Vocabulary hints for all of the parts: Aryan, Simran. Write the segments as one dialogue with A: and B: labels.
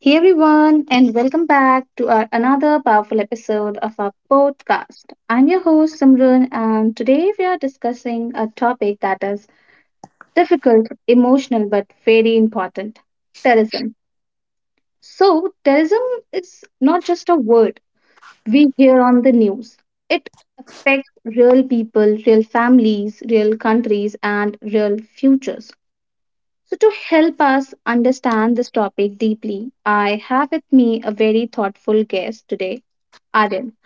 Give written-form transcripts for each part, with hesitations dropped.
A: Hey everyone, and welcome back to our another powerful episode of our podcast. I'm your host Simran, and today we are discussing a topic that is difficult, emotional, but very important: terrorism. So, terrorism is not just a word we hear on the news. It affects real people, real families, real countries, and real futures. So, to help us understand this topic deeply, I have with me a very thoughtful guest today, Aryan.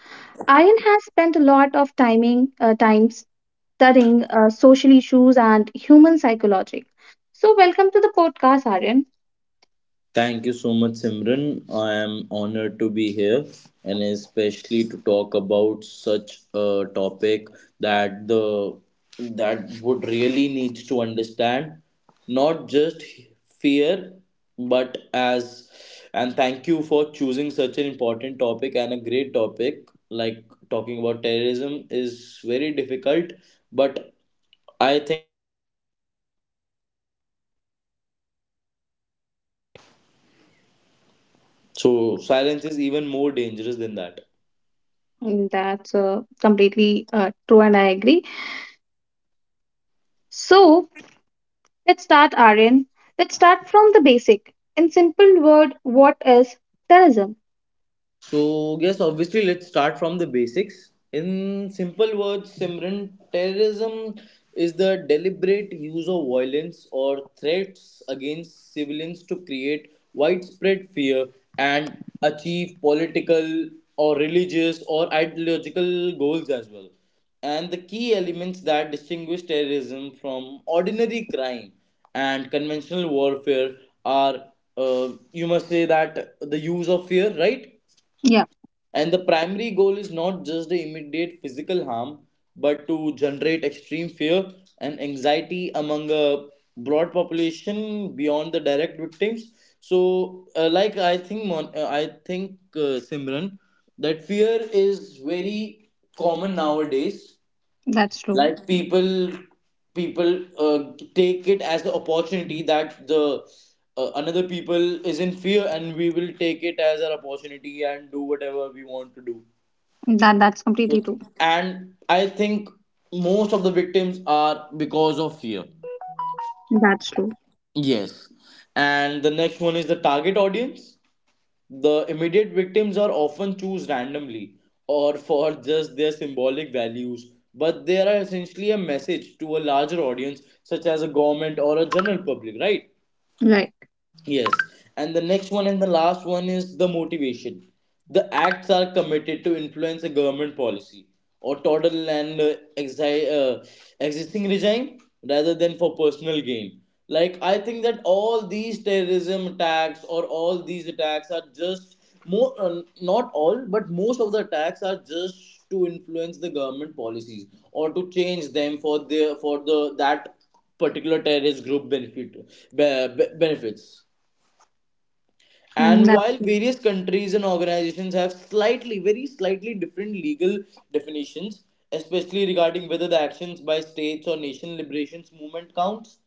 A: Aryan has spent a lot of time studying social issues and human psychology. So, welcome to the podcast, Aryan.
B: Thank you so much, Simran. I am honored to be here and especially to talk about such a topic that the that would really needs to understand not just fear but as and thank you for choosing such an important topic and a great topic like talking about terrorism is very difficult, but I think
C: So silence is even more dangerous than that.
A: Mm, that's completely true, and I agree. So, let's start, Aryan. Let's start from the basic. In simple word, what is terrorism?
C: So, yes, obviously, let's start from the basics. In simple words, Simran, terrorism is the deliberate use of violence or threats against civilians to create widespread fear and achieve political or religious or ideological goals as well. And the key elements that distinguish terrorism from ordinary crime and conventional warfare are, you must say, that the use of fear, right?
A: Yeah,
C: And the primary goal is not just the immediate physical harm, but to generate extreme fear and anxiety among a broad population beyond the direct victims. So, I think, I think Simran, that fear is very common nowadays,
A: that's true.
C: like people take it as the opportunity, that the another people is in fear and we will take it as an opportunity and do whatever we want to do.
A: That, that's
C: So,
A: completely true.
C: and I think most of the victims are because of fear.
A: That's true.
C: Yes, and the next one is the target audience. The immediate victims are often chosen randomly or for just their symbolic values, but they are essentially a message to a larger audience, such as a government or a general public, right?
A: Right.
C: Yes, and the next one and the last one is the motivation. The acts are committed to influence a government policy or total and existing regime rather than for personal gain. Like I think that all these terrorism attacks, or all these attacks, are just more not all, but most of the attacks are just to influence the government policies or to change them for the that particular terrorist group benefit, benefits.
A: Mm,
C: And
A: that's
C: while
A: true.
C: various countries and organizations have slightly, very slightly different legal definitions, especially regarding whether the actions by states or nation liberations movement counts,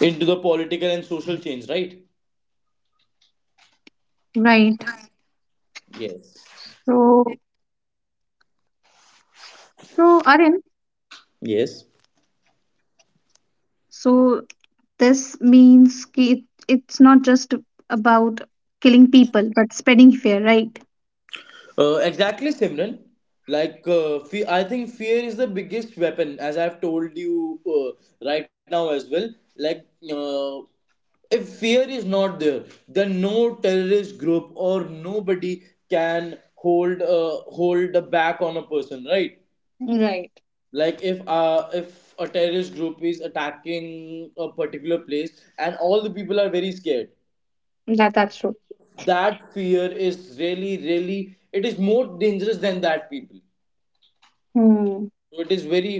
D: Into the political and social change, right?
A: Right.
D: Yes.
A: So, so Aryan,
D: Yes.
A: so this means ki it's not just about killing people, but spreading fear, right?
D: Exactly, Simran. I think fear is the biggest weapon, as I've told you right now as well. Like, uh, if fear is not there, then no terrorist group or nobody can hold the back on a person, right?
A: Right.
D: Like, if a terrorist group is attacking a particular place and all the people are very scared,
A: That, that's true.
D: that fear is really really it is more dangerous than that people.
A: Hmm.
D: So it is very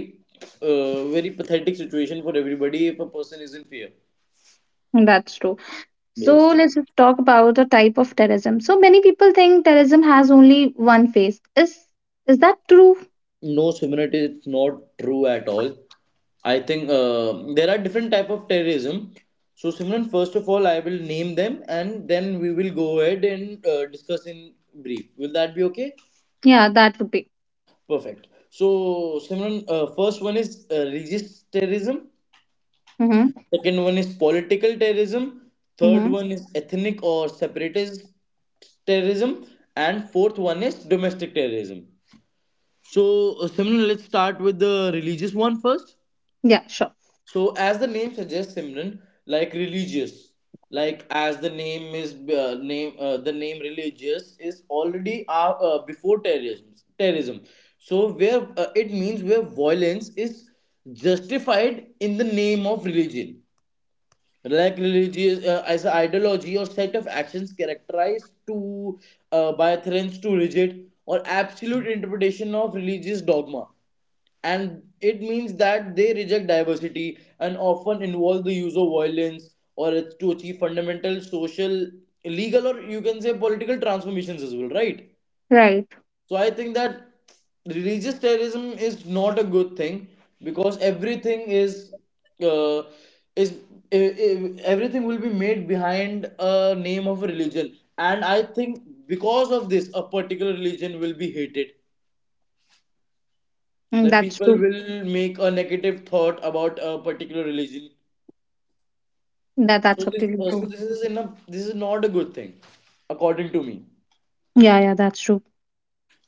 D: uh, very pathetic situation for everybody if a person is in fear.
A: That's true. So
D: Yes.
A: let's just talk about the type of terrorism. So many people think terrorism has only one face. Is that true?
D: No, Simran, it's not true at all. I think there are different type of terrorism. So Simran, first of all I will name them and then we will go ahead and discuss in brief. Will that be okay?
A: Yeah, that would be.
D: Perfect. So Simran, first one is religious terrorism.
A: Mm-hmm.
D: Second one is political terrorism. Third
A: Mm-hmm.
D: one is ethnic or separatist terrorism. And fourth one is domestic terrorism. So, Simran, let's start with the religious one first.
A: Yeah, sure.
D: So, as the name suggests, Simran, like religious, like as the name religious is already before terrorism. Terrorism. So, where it means where violence is justified in the name of religion, like religious as an ideology or set of actions characterized to by a threats to rigid or absolute interpretation of religious dogma, and it means that they reject diversity and often involve the use of violence, or it's to achieve fundamental social, legal, or you can say political transformations as well, right?
A: Right.
D: So I think that religious terrorism is not a good thing, because everything is uh, is everything will be made behind a name of a religion, and I think because of this, a particular religion will be hated.
A: Mm,
D: Like
A: that's
D: people
A: true.
D: will make a negative thought about a particular religion.
A: That, that's
D: So this,
A: completely
D: uh, so
A: true.
D: this is in a this is not a good thing, according to me.
A: Yeah, yeah, that's true.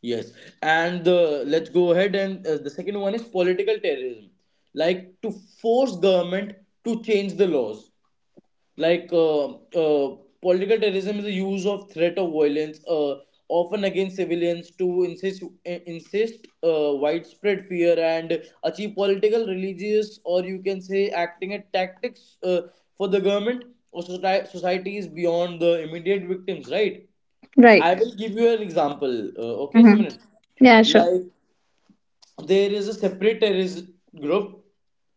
D: Yes, and the let's go ahead and the second one is political terrorism, like to force government to change the laws. Like political terrorism is the use of threat of violence, often against civilians, to insist widespread fear and achieve political, religious, or you can say acting at tactics for the government or society societies beyond the immediate victims. Right.
A: Right.
D: I will give you an example. Okay,
A: Mm-hmm.
D: Simran.
A: Yeah, sure.
D: Like there is a separate terrorist group,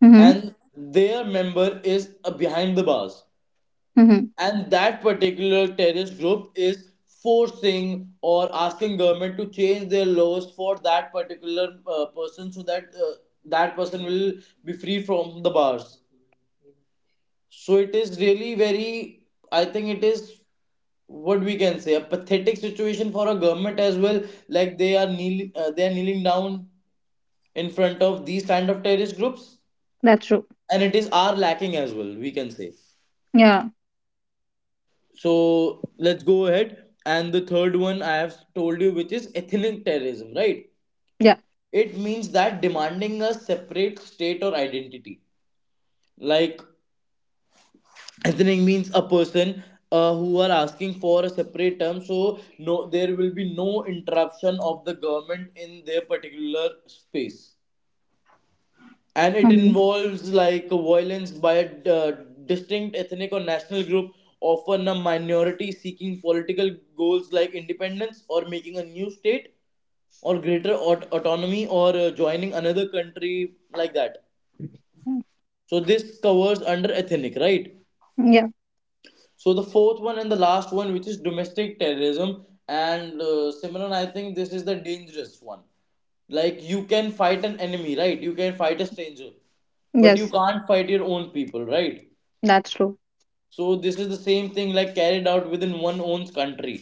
A: Mm-hmm.
D: and their member is behind the bars,
A: Mm-hmm.
D: and that particular terrorist group is forcing or asking government to change their laws for that particular person, so that that person will be free from the bars. So it is really very, I think it is what we can say a pathetic situation for a government as well. Like they are kneeling down in front of these kind of terrorist groups,
A: That's true.
D: and it is our lacking as well, we can say.
A: Yeah.
D: So let's go ahead. And the third one I have told you, which is ethnic terrorism, right?
A: Yeah.
D: It means that demanding a separate state or identity. Like ethnic means a person who are asking for a separate term, so no, there will be no interruption of the government in their particular space, and it
A: Mm-hmm.
D: involves like violence by a uh, distinct ethnic or national group, often a minority seeking political goals like independence or making a new state or greater autonomy or joining another country like that. So this covers under ethnic, right?
A: Yeah.
D: So the fourth one and the last one, which is domestic terrorism, and Simran, I think this is the dangerous one. Like you can fight an enemy, right? You can fight a stranger, but you
A: Yes,
D: can't fight your own people, right?
A: that's true.
D: So this is the same thing like carried out within one own country,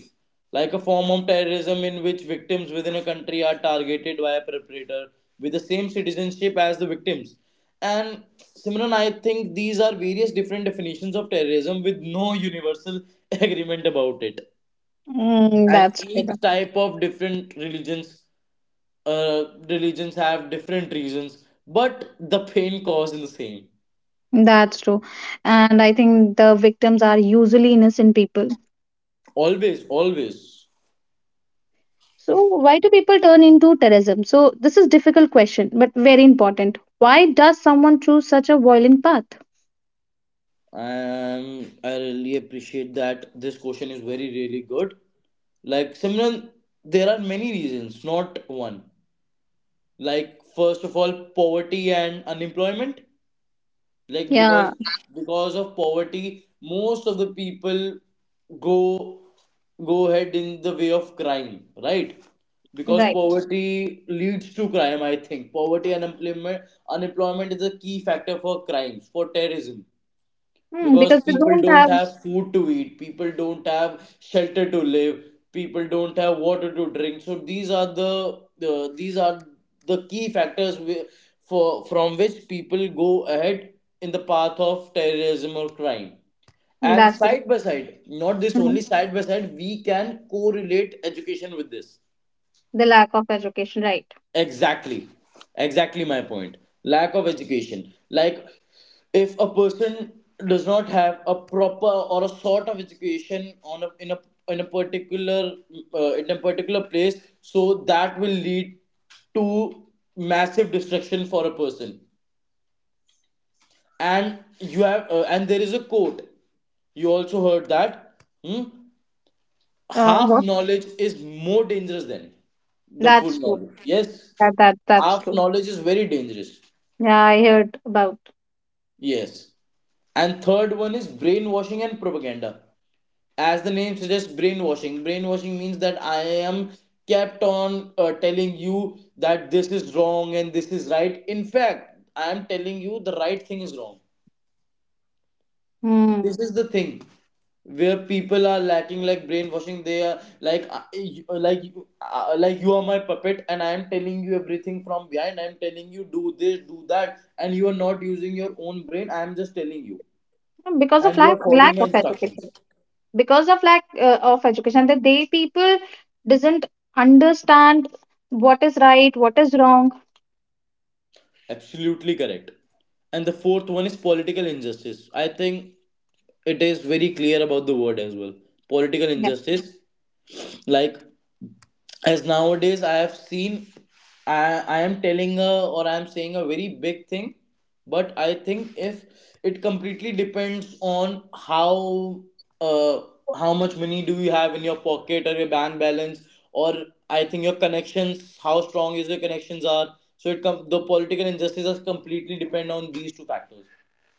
D: like a form of terrorism in which victims within a country are targeted by a perpetrator with the same citizenship as the victims. And Simran, I think these are various different definitions of terrorism with no universal agreement about it.
A: Mm,
D: And
A: that's true. tha-
D: each type of different religions, religions have different reasons, but the pain caused is the same.
A: That's true. And I think the victims are usually innocent people.
D: Always, always.
A: So why do people turn into terrorism? So this is difficult question, but very important. Why does someone choose such a violent path?
D: I really appreciate that this question is very really good. Like Simran, there are many reasons, not one. Like first of all, poverty and unemployment. Like
A: Yeah.
D: because of poverty, most of the people go go ahead in the way of crime, right? Because
A: Right.
D: poverty leads to crime, I think. Poverty and unemployment Unemployment is a key factor for crimes, for terrorism,
A: Mm, because
D: because
A: they
D: people
A: don't
D: don't
A: have.
D: have food to eat, people don't have shelter to live, people don't have water to drink. So these are these are the key factors for from which people go ahead in the path of terrorism or crime.
A: Mm,
D: And
A: that's good.
D: side by side, not this
A: Mhm.
D: only side by side we can correlate education with this.
A: The lack of education, right?
D: Exactly. Exactly my point. Lack of education. Like, if a person does not have a proper or a sort of education in a particular in a particular place, so that will lead to massive destruction for a person. And you have and there is a quote. You also heard that. Hmm? Half
A: What?
D: knowledge is more dangerous than the full
A: That's true.
D: knowledge. Yes,
A: That that's
D: half
A: true.
D: knowledge is very dangerous.
A: Yeah, I heard about.
D: Yes. And third one is brainwashing and propaganda. As the name suggests, brainwashing. Brainwashing means that I am kept on telling you that this is wrong and this is right. In fact, I am telling you the right thing is wrong. This
A: Hmm.
D: is the thing where people are lacking, like brainwashing, they are like like you are my puppet and I am telling you everything from behind, I am telling you do this, do that, and you are not using your own brain, I am just telling you,
A: Because of
D: and you
A: lack
D: are
A: lack
D: following my
A: of
D: instructions.
A: education. Because of lack of education, that they people doesn't understand what is right, what is wrong.
D: Absolutely correct. And the fourth one is political injustice. I think it is very clear about the word as well. Political
A: Yeah.
D: injustice, like as nowadays I have seen, i I am telling a, or I am saying a very big thing, but I think if it completely depends on uh, how much money do you have in your pocket or your bank balance, or I think your connections, how strong is your connections are. So it the political injustices completely depend on these two factors.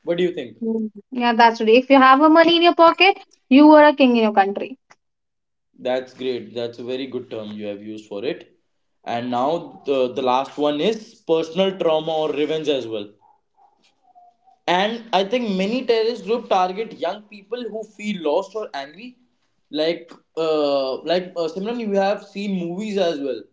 D: What do you think?
A: Hmm. Yeah, that's true. If you have a money in your pocket, you are a king in your country.
D: That's great. That's a very good term you have used for it. And now the last one is personal trauma or revenge as well. And I think many terrorist group target young people who feel lost or angry. Like Simran, you have seen movies as well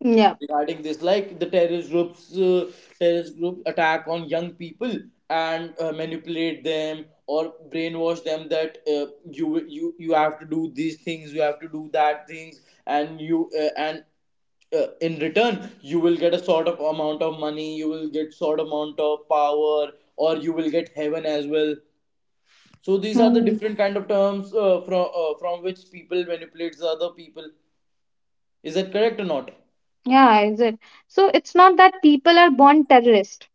A: Yeah.
D: regarding this, like the terrorist groups attack on young people and manipulate them or brainwash them that you have to do these things, you have to do that things, and in return you will get a sort of amount of money, you will get sort amount of power, or you will get heaven as well. So these are the
A: Hmm.
D: different kind of terms from from which people manipulates other people. Is that correct or not?
A: Yeah, is it? So it's not that people are born terrorist,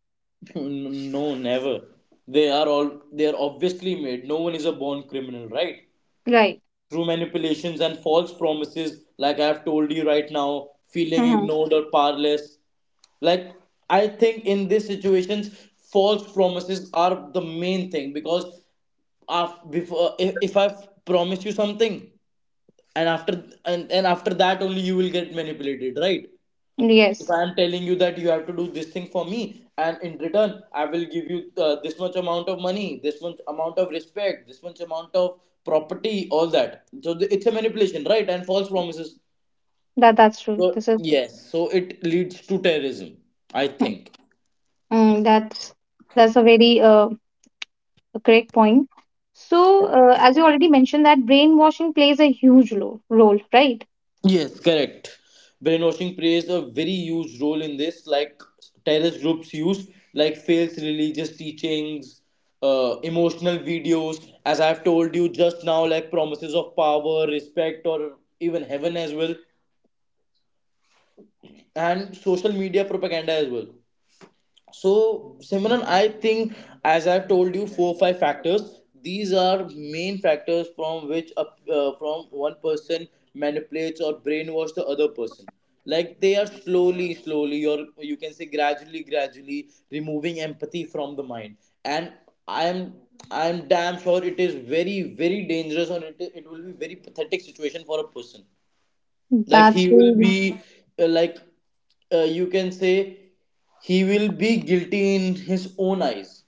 D: No, never. They are obviously made. No one is a born criminal, right?
A: right?
D: Through manipulations and false promises, like I have told you right now, feeling
A: Hmm.
D: ignored or powerless. Like I think in these situations, false promises are the main thing, because after, before if I promise you something, and after and after that only you will get manipulated, right? If
A: Yes,
D: I am telling you that you have to do this thing for me, and in return I will give you this much amount of money, this much amount of respect, this much amount of property, all that. So it's a manipulation, right, and false promises.
A: that that's
D: So
A: true. This is.
D: yes, so it leads to terrorism, I
A: Hmm.
D: think.
A: Mm, that's that's a very uh, a correct point. So, as you already mentioned, that brainwashing plays a huge lo- role, right?
D: Yes, correct. Brainwashing plays a very huge role in this, like terrorist groups use like false religious teachings, emotional videos, as I've told you just now, like promises of power, respect, or even heaven as well, and social media propaganda as well. So, Simran, I think as I've told you, four or five factors. These are main factors from which a, from one person manipulates or brainwash the other person. Like they are slowly, slowly, or you can say gradually, gradually removing empathy from the mind. And I'm I'm damn sure it is very, very dangerous, or it will be very pathetic situation for a person like he
A: That's
D: will
A: really
D: be like you can say he will be guilty in his own eyes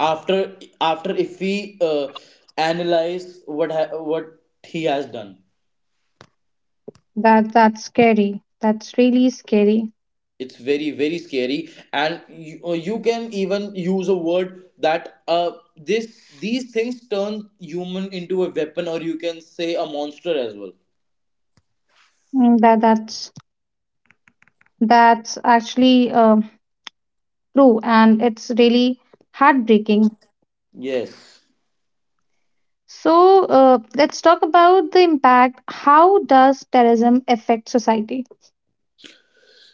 D: after if we analyze what he has done.
A: that's scary. That's really scary.
D: It's very very scary, and you can even use a word that this these things turn human into a weapon, or you can say a monster as well.
A: Mm, that's actually true, and it's really heartbreaking.
D: Yes.
A: So let's talk about the impact. How does terrorism affect society?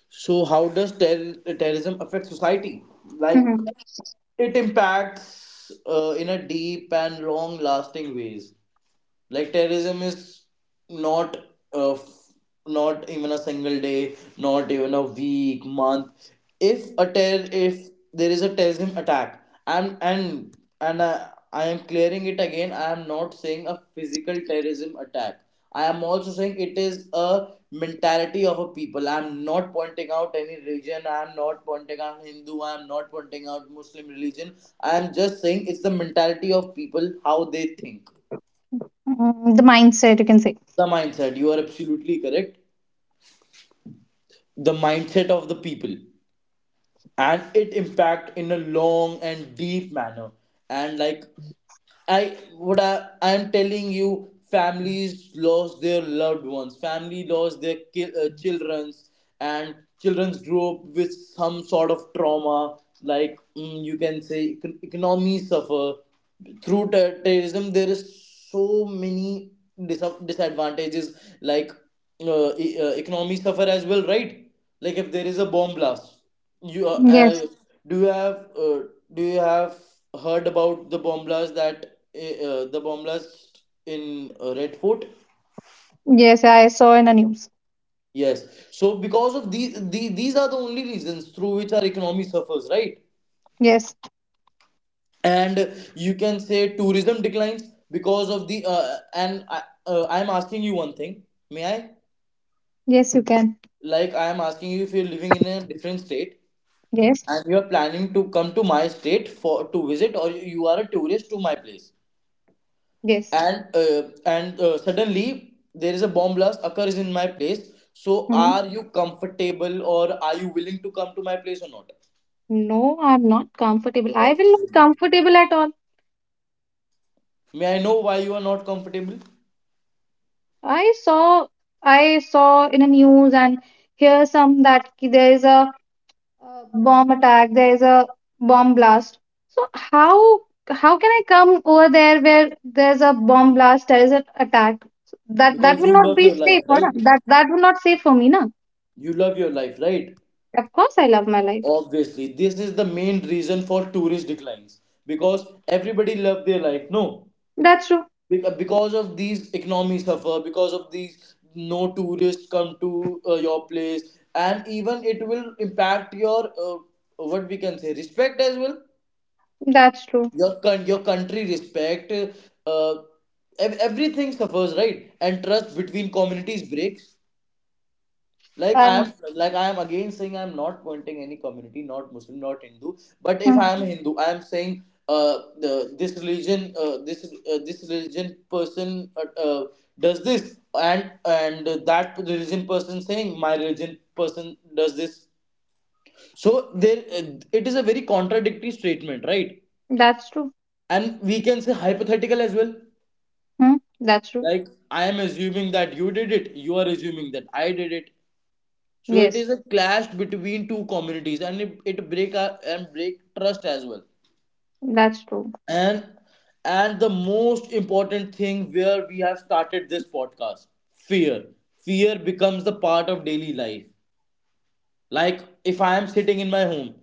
D: So how does terrorism affect society? Like
A: Mhm.
D: it impacts in a deep and long lasting ways. Like terrorism is not uh, f- not even a single day, not even a week, month. If a terror if there is a terrorism attack, and I am clearing it again, I am not saying a physical terrorism attack. I am also saying it is a mentality of a people. I am not pointing out any religion. I am not pointing out Hindu, I am not pointing out Muslim religion. I am just saying it's the mentality of people, how they think.
A: Mm, the mindset, you can say.
D: The mindset, you are absolutely correct. The mindset of the people, and it impact in a long and deep manner. And like, I what I am telling you, families lost their loved ones. Family lost their childrens, and childrens grow up with some sort of trauma. Like you can say, economy suffer through terrorism. There is so many disadvantages. Like economy suffer as well, right? Like if there is a bomb blast, you
A: Yes.
D: do you have uh, do you have heard about the bomb blast that the bomb blast in Red Fort?
A: Yes, I saw in the news.
D: Yes. So because of these are the only reasons through which our economy suffers, right?
A: Yes.
D: And you can say tourism declines because of the and I'm asking you one thing. May I?
A: Yes, you can.
D: Like I am asking you, if you're living in a different state
A: Yes,
D: and you are planning to come to my state for to visit, or you are a tourist to my place,
A: yes.
D: and suddenly there is a bomb blast occurs in my place, so
A: Mhm.
D: are you comfortable, or are you willing to come to my place or not?
A: No, I'm not comfortable. I will not comfortable at all.
D: May I know why you are not comfortable?
A: I saw, I saw in the news and hear some that ki- there is a bomb attack, there is a bomb blast. So how can I come over there where there's a bomb blast, there is an attack? So that that
D: Because
A: will
D: you
A: not
D: love
A: be
D: your life,
A: safe, or na?
D: right?
A: That that will not safe for me, na?
D: You love your life, right?
A: Of course, I love my life.
D: Obviously, this is the main reason for tourist declines, because everybody love their life, no.
A: That's true.
D: Because of these economy suffer, because of these no tourists come to your place, and even it will impact your uh, what we can say respect as well.
A: That's true.
D: Your your country respect, everything suffers, right? And trust between communities breaks. Like
A: And
D: I am again saying, I am not pointing any community, not Muslim, not Hindu, but if
A: mhm,
D: I am Hindu, I am saying this religion, this religion person does this, and that religion person saying my religion person does this. So there it is a very contradictory statement, right?
A: that's true.
D: And we can say hypothetical as well.
A: Hmm, that's true.
D: Like I am assuming that you did it, you are assuming that I did it. So it
A: Yes,
D: is a clash between two communities, and it break our, and break trust as well.
A: that's true.
D: And and the most important thing where we have started this podcast, fear. Fear becomes the part of daily life. Like if I am sitting in my home,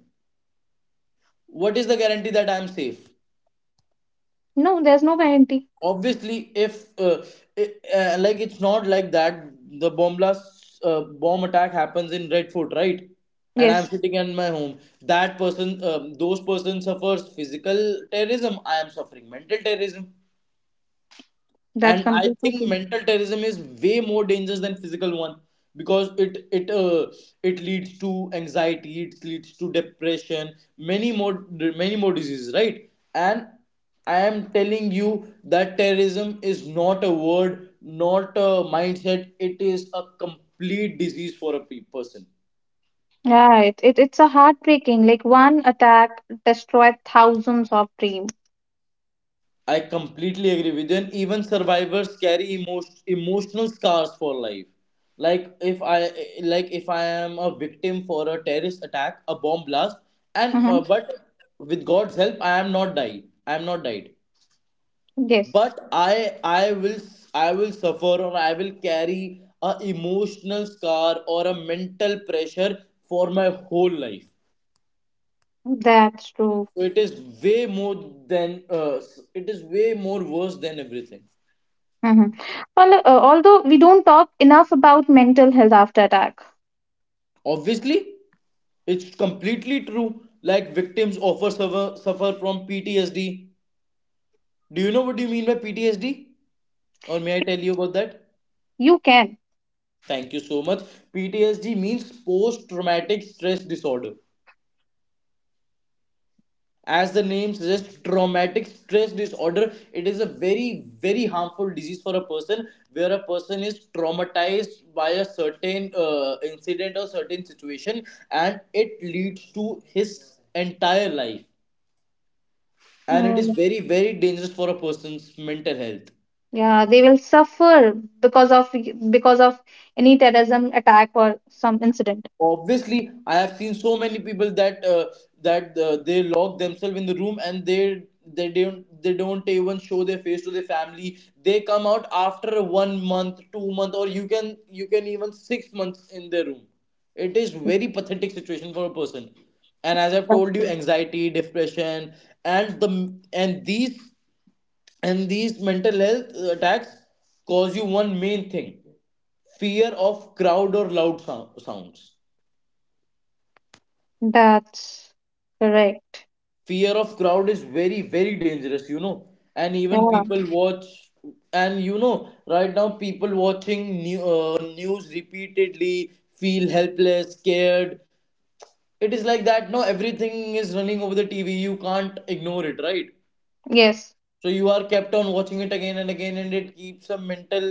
D: what is the guarantee that I am safe?
A: No, there's no guarantee.
D: Obviously, if it, like it's not like that the bomb blast, bomb attack happens in Redford, right? And I'm
A: Yes,
D: sitting in my home. That person, those person suffers physical terrorism, I am suffering mental terrorism.
A: that's
D: And I
A: completely
D: think
A: true.
D: mental terrorism is way more dangerous than physical one, because it leads to anxiety, it leads to depression, many more diseases, right? And I am telling you that terrorism is not a word, not a mindset, it is a complete disease for a person.
A: Yeah, it it's a heartbreaking. Like one attack destroyed thousands of dreams.
D: I completely agree with you. And even survivors carry emotional scars for life. Like if I if I am a victim for a terrorist attack, a bomb blast, and
A: Mm-hmm.
D: but with God's help, I am not died. I am not died.
A: Yes,
D: But I will, I will suffer, or I will carry a emotional scar or a mental pressure for my whole life.
A: that's true.
D: So it is way more than it is way more worse than everything.
A: Mm-hmm. Well, although we don't talk enough about mental health after attack,
D: Obviously, it's completely true. Like victims often suffer from PTSD. Do you know what you mean by PTSD? Or may I tell you about that?
A: you can.
D: Thank you so much. PTSD means post traumatic stress disorder. As the name suggests, traumatic stress disorder, it is a very, very harmful disease for a person where a person is traumatized by a certain incident or certain situation, and it leads to his entire life, and it is
A: Mm,
D: very very dangerous for a person's mental health.
A: yeah, they will suffer because of because of any terrorism attack or some incident.
D: Obviously, I have seen so many people that they lock themselves in the room, and they, they don't even show their face to their family. They come out after 1 month, 2 month, or you can, you can even 6 months in their room. It is very pathetic situation for a person. And as I've
A: That's
D: told you,
A: true.
D: anxiety, depression. And the, and these, and these mental health attacks cause you one main thing, fear of crowd or loud sounds.
A: That's correct.
D: Fear of crowd is very very dangerous, you know. And even
A: Yeah.
D: people watch, and you know right now people watching news repeatedly, feel helpless, scared. It is like that, no, everything is running over the TV, you can't ignore it, right?
A: Yes.
D: So you are kept on watching it again and again, and it keeps a mental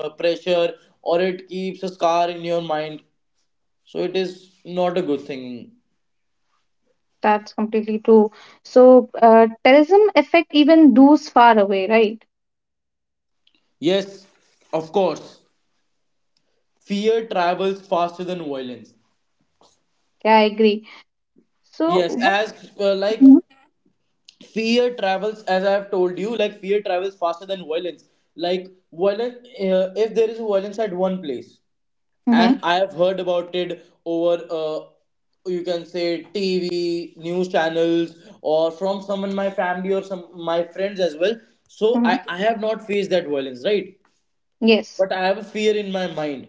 D: pressure, or it keeps a scar in your mind. So it is not a good thing.
A: That's completely true. So, terrorism affect even those far away, right?
D: Yes, of course, fear travels faster than violence.
A: Yeah, I agree. So,
D: Yes,
A: what,
D: as like fear travels, as I have told you, like fear travels faster than violence. Like violence, if there is violence at one place,
A: mm-hmm,
D: and I have heard about it over you can say TV news channels, or from someone in my family, or some my friends as well. So
A: hmm.
D: I have not faced that violence, right?
A: Yes.
D: But I have a fear in my mind,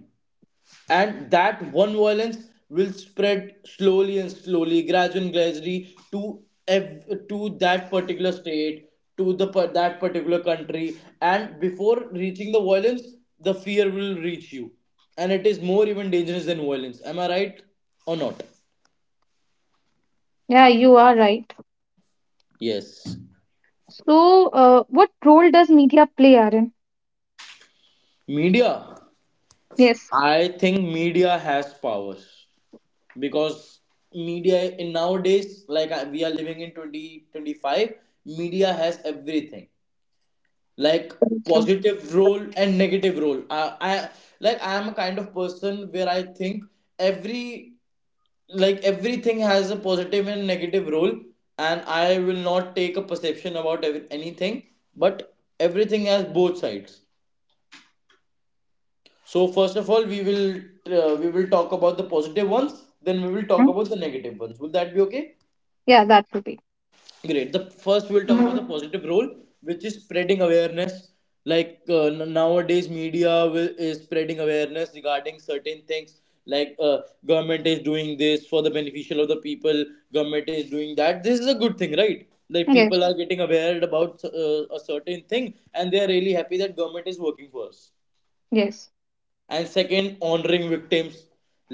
D: and that one violence will spread slowly and slowly, gradually gradually, to to that particular state, to the that particular country. And before reaching the violence, the fear will reach you, and it is more even dangerous than violence, am I right or not?
A: Yeah, you are right.
D: Yes.
A: So, what role does media play, Aaron?
D: Media.
A: Yes,
D: I think media has powers, because media in nowadays, like we are living in 2025, media has everything. Like
A: that's true.
D: positive role and negative role, I am a kind of person where I think every, like everything has a positive and negative role, and I will not take a perception about every, anything, but everything has both sides. So first of all, we will, we will talk about the positive ones, then we will talk
A: Hmm?
D: about the negative ones. Will that be okay?
A: Yeah, that would be.
D: Great. The first we'll talk about the positive role, which is spreading awareness. Like nowadays, media will, is spreading awareness regarding certain things. Like government is doing this for the beneficial of the people. Government is doing that. This is a good thing, right? Like people
A: Yes,
D: are getting aware about a certain thing, and they are really happy that government is working for us.
A: yes.
D: And second, honoring victims.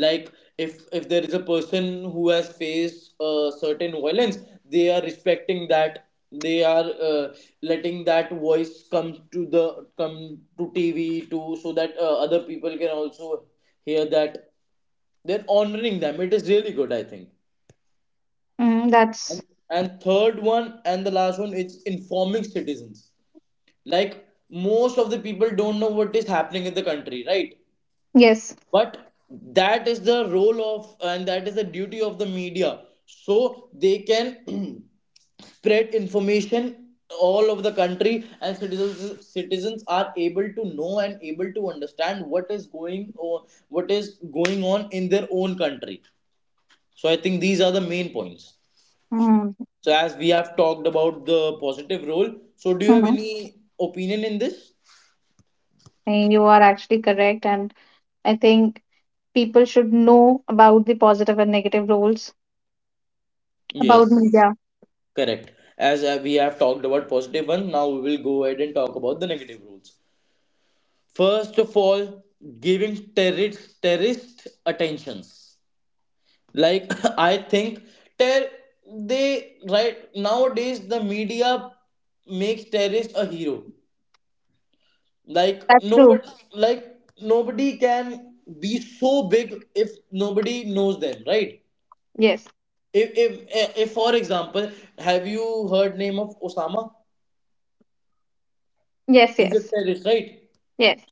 D: Like if there is a person who has faced certain violence, they are respecting that, they are letting that voice come to the come to TV to, so that other people can also hear that. They're honoring them, it is really good, I think.
A: Mm, that's,
D: and and third one, and the last one, it's informing citizens. Like most of the people don't know what is happening in the country, right?
A: yes.
D: But that is the role of, and that is the duty of the media. So they can spread information all over the country, and citizens are able to know and able to understand what is going, or what is going on in their own country. So I think these are the main points.
A: Mm,
D: So as we have talked about the positive role, so do you have
A: mhm.
D: any opinion in this?
A: And you are actually correct. And I think people should know about the positive and negative roles about
D: Yes.
A: media.
D: Correct. As we have talked about positive one, now we will go ahead and talk about the negative rules. First of all, giving terrorist attentions. Like I think ter they right nowadays the media makes terrorist a hero. Like
A: That's true.
D: nobody, like nobody can be so big if nobody knows them, right?
A: Yes,
D: If for example, have you heard name of Osama?
A: yes,
D: He's a
A: yes.
D: terrorist, right?
A: Yes,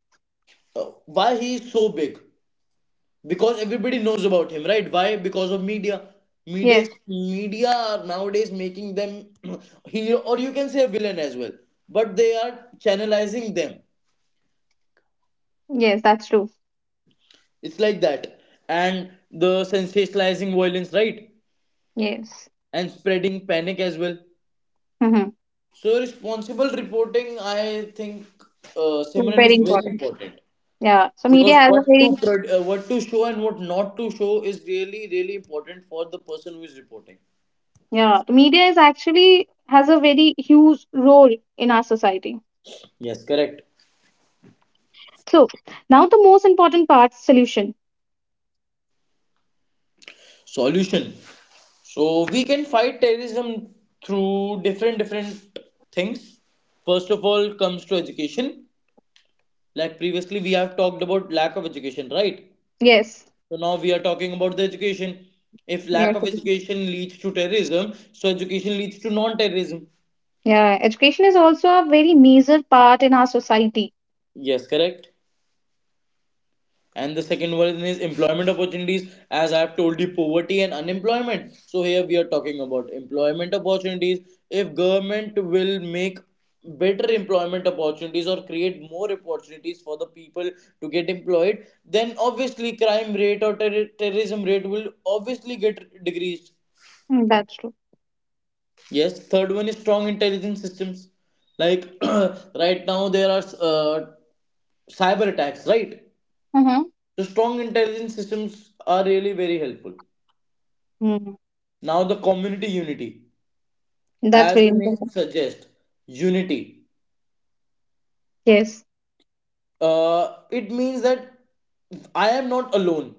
D: Why he is so big? Because everybody knows about him, right? Why? Because of media. media
A: yes,
D: media are nowadays making them hero, or you can say a villain as well, but they are channelizing them.
A: yes, that's true.
D: It's like that, and the sensationalizing violence, right?
A: Yes.
D: And spreading panic as well.
A: Mm-hmm.
D: So responsible reporting, I think,
A: It's
D: Simran, is
A: very
D: very
A: important.
D: important,
A: Yeah. So
D: because
A: media has a very
D: what to show and what not to show is really really important for the person who is reporting.
A: yeah, media is actually has a very huge role in our society.
D: Yes, correct.
A: So now the most important part, solution.
D: Solution. So we can fight terrorism through different things. First of all comes to education. Like previously we have talked about lack of education, right?
A: Yes.
D: So now we are talking about the education. If lack
A: Yes.
D: of education leads to terrorism, so education leads to non-terrorism.
A: Yeah. Education is also a very major part in our society.
D: Yes, correct. And the second one is employment opportunities. As I have told you, poverty and unemployment. So here we are talking about employment opportunities. If government will make better employment opportunities or create more opportunities for the people to get employed, then obviously crime rate or terrorism rate will obviously get decreased.
A: Mm, that's true.
D: Yes, third one is strong intelligence systems. Like right now there are cyber attacks, right?
A: Mm-hmm.
D: The strong intelligence systems are really very helpful.
A: Mm.
D: Now, the community unity,
A: That's
D: as
A: very
D: the name
A: important.
D: suggests, unity.
A: Yes.
D: It means that I am not alone.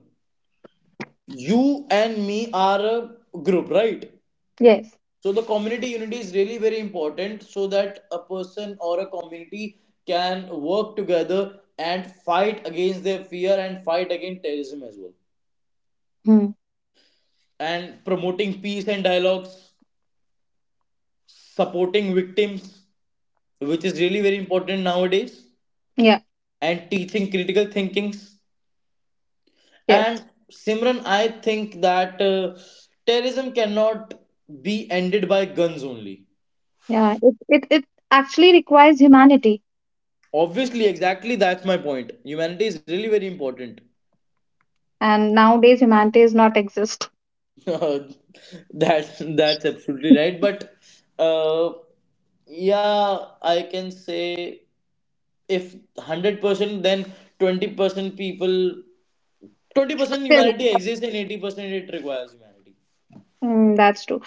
D: You and me are a group, right?
A: Yes.
D: So the community unity is really very important so that a person or a community can work together and fight against their fear and fight against terrorism as well.
A: Mm.
D: And promoting peace and dialogues, supporting victims, which is really very important nowadays,
A: Yeah.
D: and teaching critical thinkings.
A: Yes.
D: And Simran, I think that terrorism cannot be ended by guns only.
A: Yeah. It actually requires humanity
D: Obviously, exactly, that's my point. Humanity is really very important.
A: and nowadays humanity is not exist.
D: That's absolutely right. But uh, yeah, I can say, if 100%, then 20% people, 20%
A: Still,
D: humanity exists, and 80% it requires humanity.
A: mm, that's true.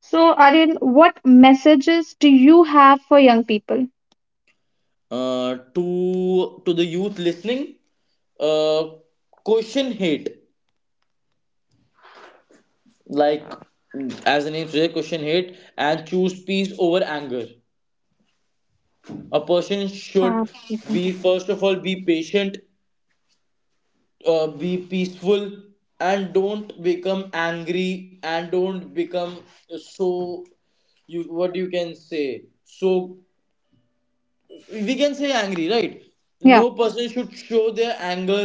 A: So, Aryan, what messages do you have for young people?
D: To the youth listening, uh, question hate, like as the name says, question hate and choose peace over anger. A person
A: Uh,
D: should
A: mhm.
D: be, first of all, be patient, be peaceful, and don't become angry, and don't become so, you, what you can say, so we can say angry, right? No
A: Yeah,
D: person should show their anger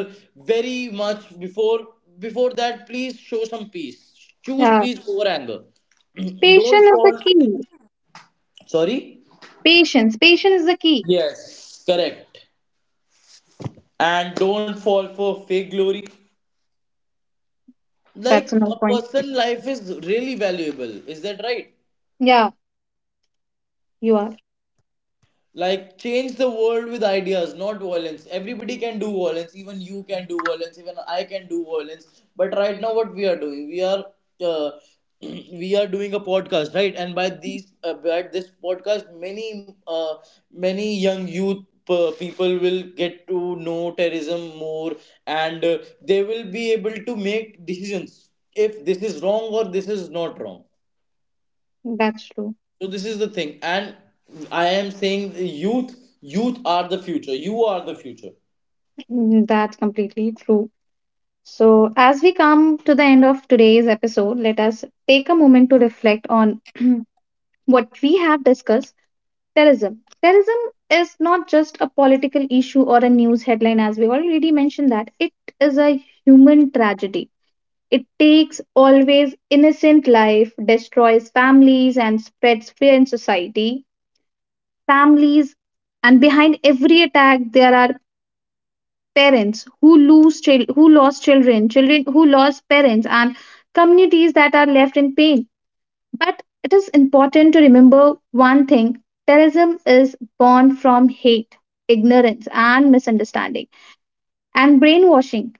D: very much. Before that, please show some peace. Choose
A: yeah.
D: peace over anger. Don't
A: Patience is the
D: fall,
A: key.
D: sorry,
A: Patience is the key.
D: yes, correct, and don't fall for fake glory. Like,
A: That's another
D: a
A: point.
D: person life is really valuable, is that right?
A: Yeah, you are.
D: Like, change the world with ideas, not violence. Everybody can do violence. Even you can do violence. Even I can do violence. But right now, what we are doing, we are uh, we are doing a podcast, right? And by these, by this podcast, many many young youth people will get to know terrorism more, and they will be able to make decisions if this is wrong or this is not wrong.
A: That's true.
D: So this is the thing, and I am saying the youth, youth are the future. You are the future.
A: Mm, that's completely true. So, as we come to the end of today's episode, let us take a moment to reflect on what we have discussed. Terrorism. Terrorism is not just a political issue or a news headline, as we already mentioned that. It is a human tragedy. It takes always innocent life, destroys families, and spreads fear in society. Families, and behind every attack, there are parents who lose chil- who lost children, children who lost parents, and communities that are left in pain. But it is important to remember one thing: terrorism is born from hate, ignorance, and misunderstanding, and brainwashing.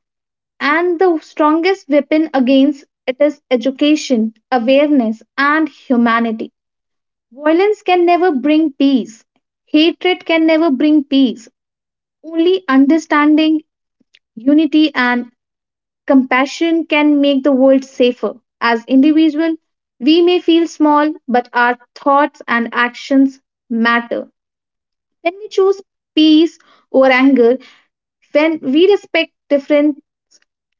A: And the strongest weapon against it is education, awareness, and humanity. Violence can never bring peace, hatred can never bring peace. Only understanding, unity, and compassion can make the world safer. As individuals, we may feel small, but our thoughts and actions matter. When we choose peace over anger, when we respect different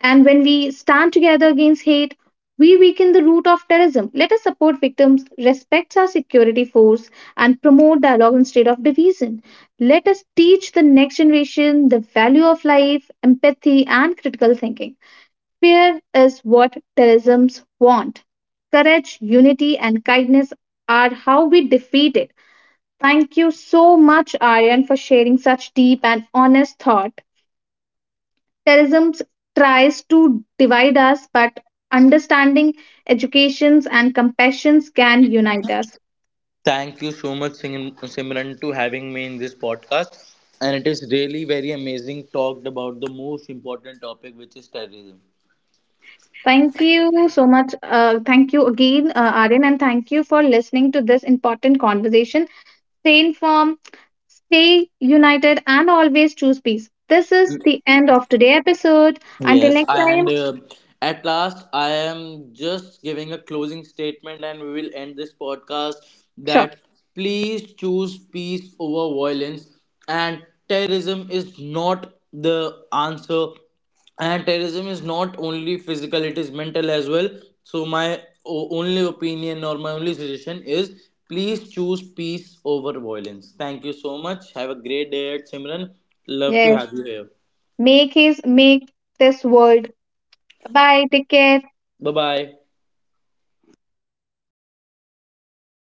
A: and when we stand together against hate, we weaken the root of terrorism. Let us support victims, respect our security force, and promote dialogue instead of division. Let us teach the next generation the value of life, empathy, and critical thinking. Fear is what terrorisms want. Courage, unity, and kindness are how we defeat it. Thank you so much, Aryan, for sharing such deep and honest thought. Terrorism tries to divide us, but understanding, educations, and compassions can unite us.
D: Thank you so much, Simran, to having me in this podcast. And it is really very amazing talked about the most important topic, which is terrorism.
A: Thank you so much. Thank you again, Aryan, and thank you for listening to this important conversation. Stay informed, stay united, and always choose peace. This is the end of today's episode. Until
D: Yes,
A: next
D: and
A: time,
D: at last, I am just giving a closing statement, and we will end this podcast.
A: sure.
D: That please choose peace over violence, and terrorism is not the answer. And terrorism is not only physical; it is mental as well. So my only opinion or my only suggestion is please choose peace over violence. Thank you so much. Have a great day, Simran. Love to
A: Yeah.
D: have you here.
A: Make this world. Bye. Take care.
D: Bye bye.